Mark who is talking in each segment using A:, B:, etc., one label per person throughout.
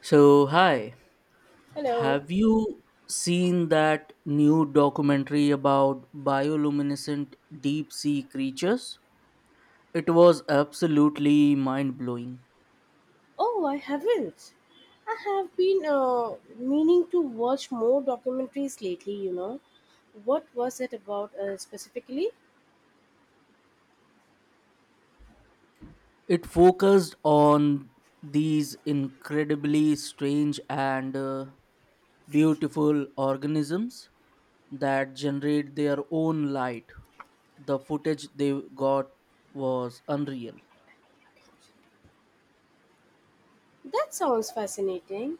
A: So, hi,
B: Hello.
A: have you seen that new documentary about bioluminescent deep sea creatures? It was absolutely mind blowing.
B: Oh, I haven't. I have been meaning to watch more documentaries, lately, What was it about specifically?
A: It focused on these incredibly strange and beautiful organisms that generate their own light. The footage they got was unreal.
B: That sounds fascinating.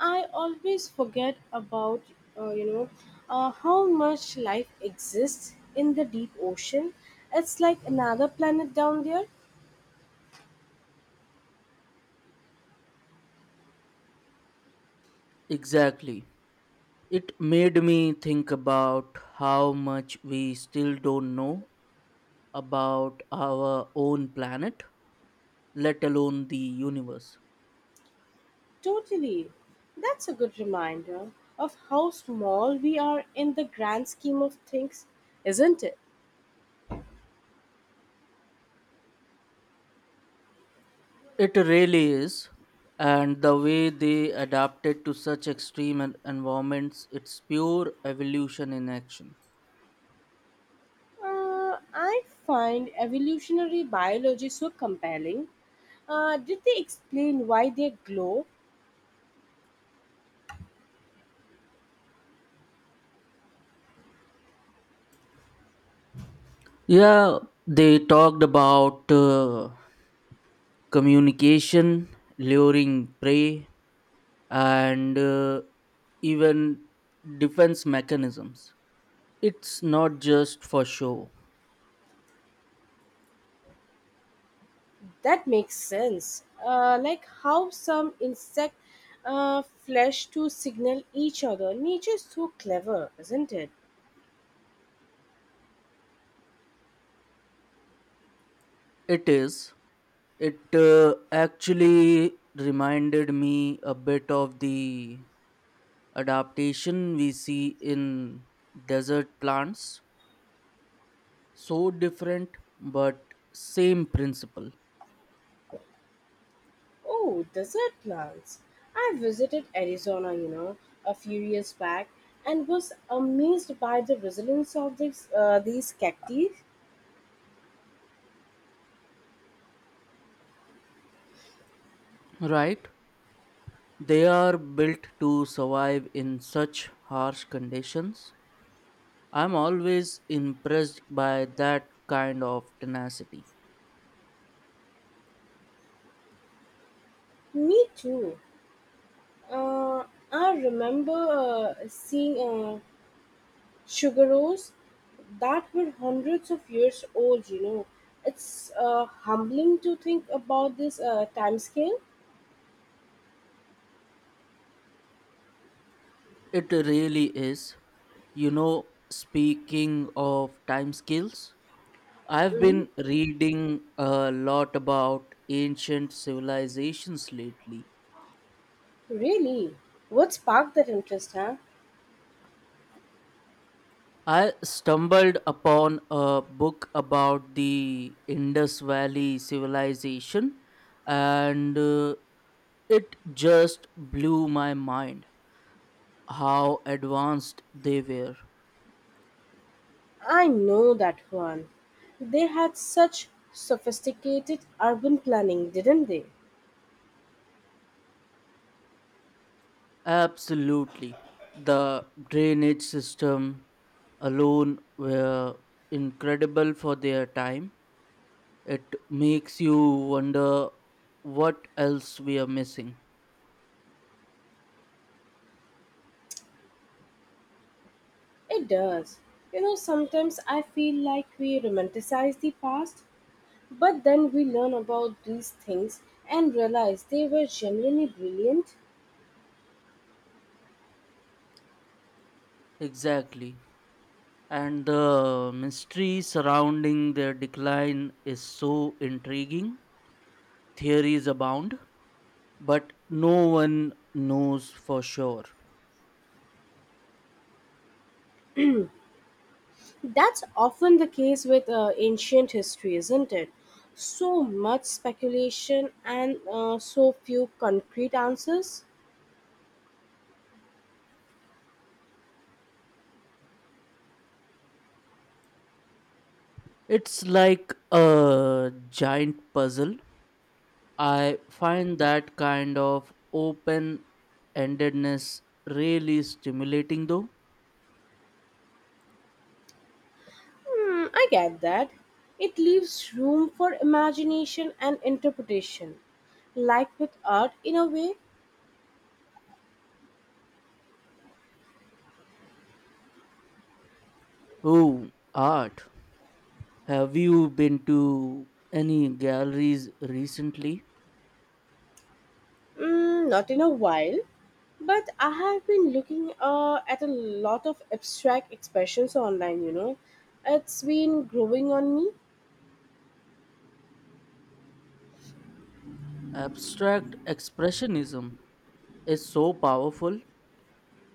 B: I always forget about, uh, you know, how much life exists in the deep ocean. It's like another planet down there.
A: Exactly. It made me think about how much we still don't know about our own planet, let alone the universe.
B: Totally. That's a good reminder of how small we are in the grand scheme of things, isn't it?
A: It really is, and the way they adapted to such extreme environments, it's pure evolution in action.
B: I find evolutionary biology so compelling. Did they explain why they glow?
A: Yeah, they talked about communication, luring prey, and even defense mechanisms. It's not just for show.
B: That makes sense. Like how some insect flesh to signal each other. Nature's so clever, isn't it?
A: It is. It actually reminded me a bit of the adaptation we see in desert plants. So different, but same principle,
B: Oh, desert plants. I visited Arizona, a few years back and was amazed by the resilience of these cacti.
A: right? They are built to survive in such harsh conditions. I'm always impressed by that kind of tenacity.
B: Me too. Uh, I remember seeing sugaros that were hundreds of years old. It's humbling to think about this time scale.
A: It really is. You know, speaking of time scales, I've
B: hmm
A: been reading a lot about ancient civilizations lately.
B: Really? What sparked that interest, huh?
A: I stumbled upon a book about the Indus Valley civilization and it just blew my mind how advanced they were.
B: I know that one. They had such sophisticated urban planning, didn't they?
A: Absolutely. The drainage system alone were incredible for their time. It makes you wonder what else we are missing.
B: It does. You know, sometimes I feel like we romanticize the past. But then we learn about these things and realize they were genuinely brilliant.
A: Exactly. And the mystery surrounding their decline is so intriguing. Theories abound, but no one knows for sure.
B: That's often the case with ancient history, isn't it? So much speculation and so few concrete answers.
A: It's like a giant puzzle. I find that kind of open endedness really stimulating though.
B: Hmm, I get that. It leaves room for imagination and interpretation. Like with art, in a way.
A: Oh, art. Have you been to any galleries recently?
B: Mm, not in a while, but I have been looking at a lot of abstract expressions online. It's been growing on me.
A: Abstract expressionism is so powerful.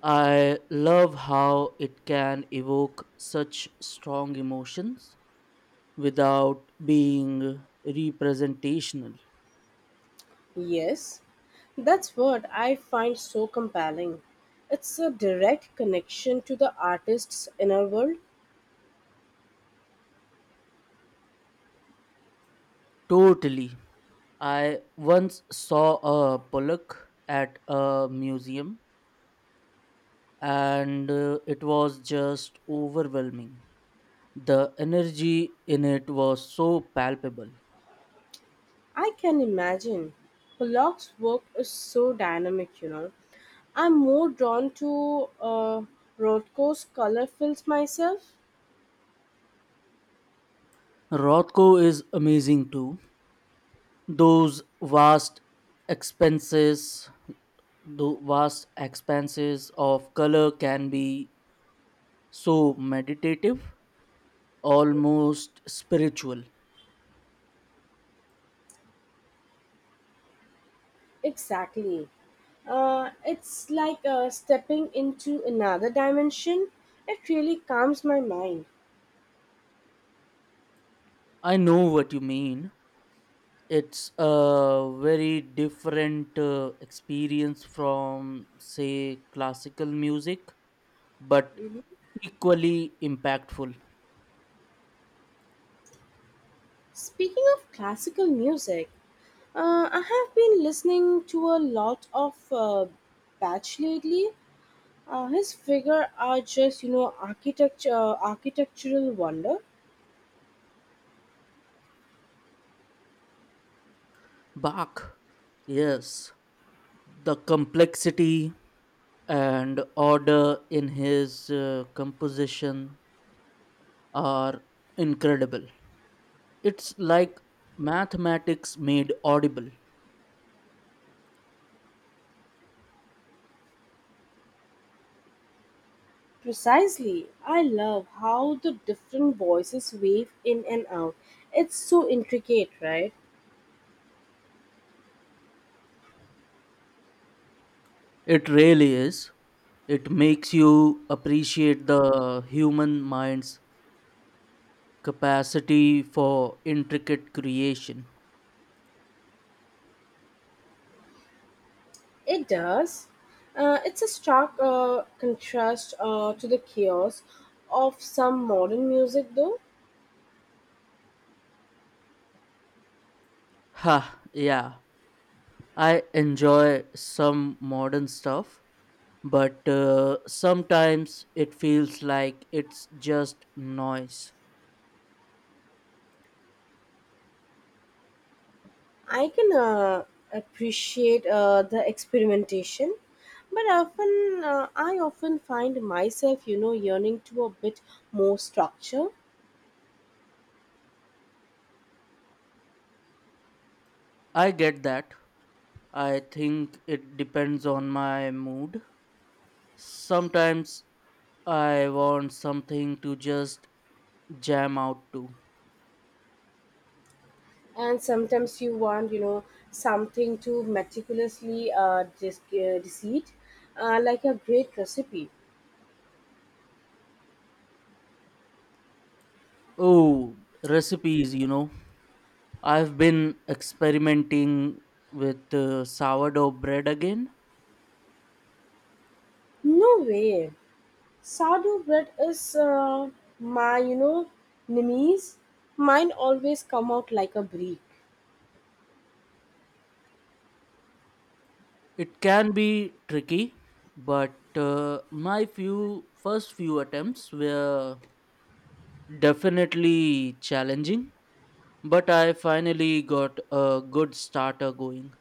A: I love how it can evoke such strong emotions without being representational.
B: Yes, that's what I find so compelling. It's a direct connection to the artist's inner world.
A: Totally. I once saw a pollock at a museum and it was just overwhelming. The energy in it was so palpable.
B: I can imagine. Pollock's work is so dynamic. I'm more drawn to Rothko's color films myself.
A: Rothko is amazing too. Those vast expanses, the vast expanses of color can be so meditative, almost spiritual.
B: Exactly. It's like stepping into another dimension. It really calms my mind.
A: I know what you mean. It's a very different experience from say classical music, but equally impactful.
B: Speaking of classical music, I have been listening to a lot of Bach lately. His figure are just, architecture, architectural wonder.
A: Bach, yes, the complexity and order in his composition are incredible. It's like mathematics made audible.
B: Precisely. I love how the different voices wave in and out. It's so intricate, right?
A: It really is. It makes you appreciate the human mind's capacity for intricate creation.
B: It does. It's a stark contrast to the chaos of some modern music, though.
A: Ha, yeah. I enjoy some modern stuff, but sometimes it feels like it's just noise.
B: I can appreciate the experimentation, but often I often find myself, yearning to a bit more structure.
A: I get that. I think it depends on my mood. Sometimes I want something to just jam out to.
B: And sometimes you want, something to meticulously deceit, like a great recipe.
A: Oh, recipes, you know. I've been experimenting with sourdough bread again.
B: No way. Sourdough bread is my, nemesis. Mine always come out like a brick.
A: It can be tricky, but my few first few attempts were definitely challenging, but I finally got a good starter going.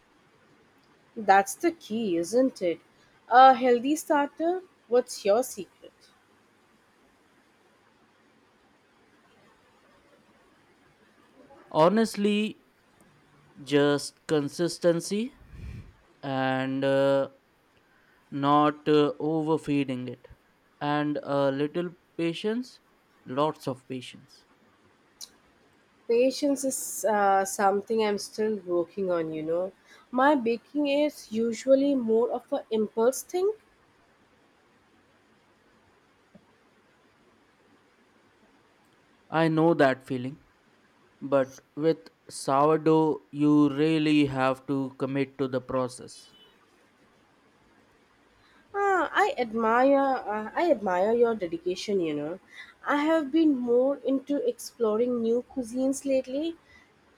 B: That's the key, isn't it? A healthy starter. What's your secret?
A: Honestly, just consistency and not overfeeding it and a little patience, lots of patience.
B: Patience is something I'm still working on. You know, my baking is usually more of an impulse thing.
A: I know that feeling. But with sourdough, you really have to commit to the process.
B: Ah, I admire your dedication, I have been more into exploring new cuisines lately,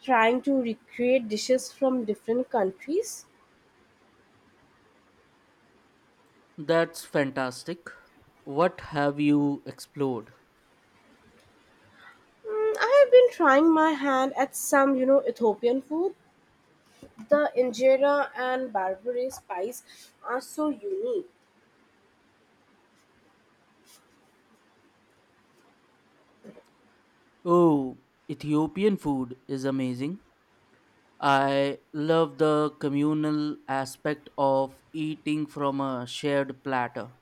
B: trying to recreate dishes from different countries.
A: That's fantastic. What have you explored?
B: Mm, I have been trying my hand at some, Ethiopian food. The injera and barberry spice are so unique.
A: Oh, Ethiopian food is amazing. I love the communal aspect of eating from a shared platter.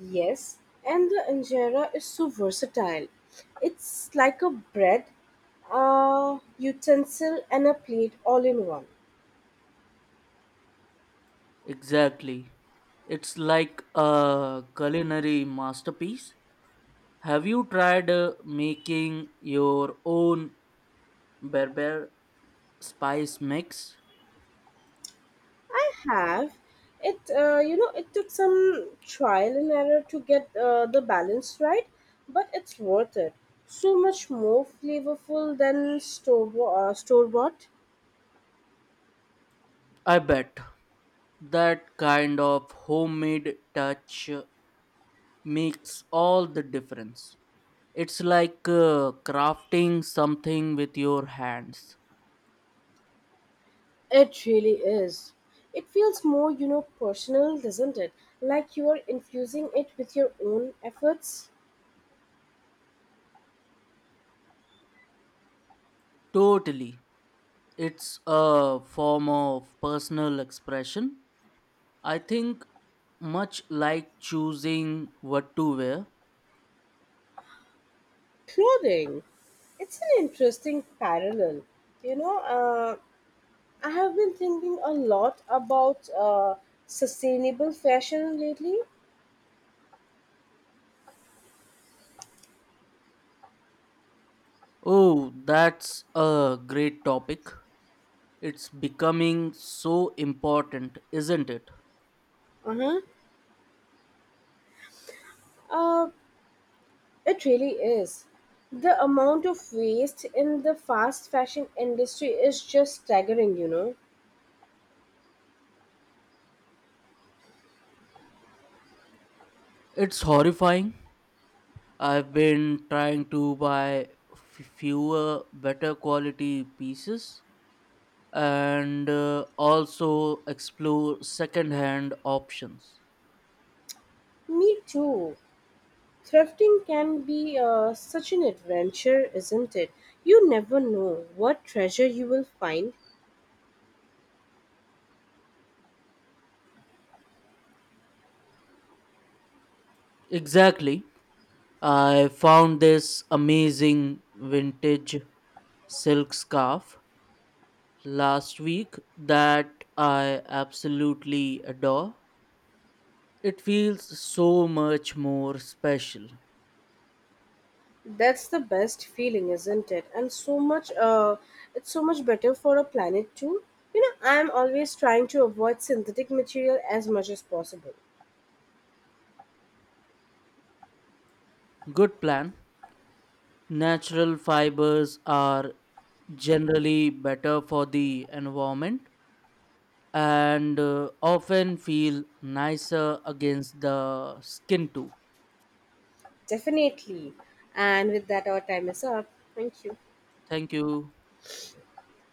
B: Yes, and the injera is so versatile. It's like a bread, a utensil and a plate all in one.
A: Exactly. It's like a culinary masterpiece. Have you tried making your own berber spice mix?
B: Have it, it took some trial and error to get the balance right, but it's worth it. So much more flavorful than store bought.
A: I bet that kind of homemade touch makes all the difference. It's like crafting something with your hands.
B: It really is. It feels more, personal, doesn't it? Like you are infusing it with your own efforts.
A: Totally. It's a form of personal expression, I think, much like choosing what to wear.
B: Clothing, it's an interesting parallel, you know uh, I have been thinking a lot about sustainable fashion lately.
A: Oh, that's a great topic. It's becoming so important, isn't it?
B: Uh-huh. Uh, it really is. The amount of waste in the fast fashion industry is just staggering.
A: It's horrifying. I've been trying to buy fewer, better quality pieces and also explore secondhand options.
B: Me too. Thrifting can be such an adventure, isn't it? You never know what treasure you will find.
A: Exactly. I found this amazing vintage silk scarf last week that I absolutely adore. It feels so much more special.
B: That's the best feeling, isn't it? And so much uh, it's so much better for a planet too. You know, I'm always trying to avoid synthetic material as much as possible.
A: Good plan. Natural fibers are generally better for the environment and often feel nicer against the skin too.
B: Definitely. And with that, our time is up. Thank you.
A: Thank you.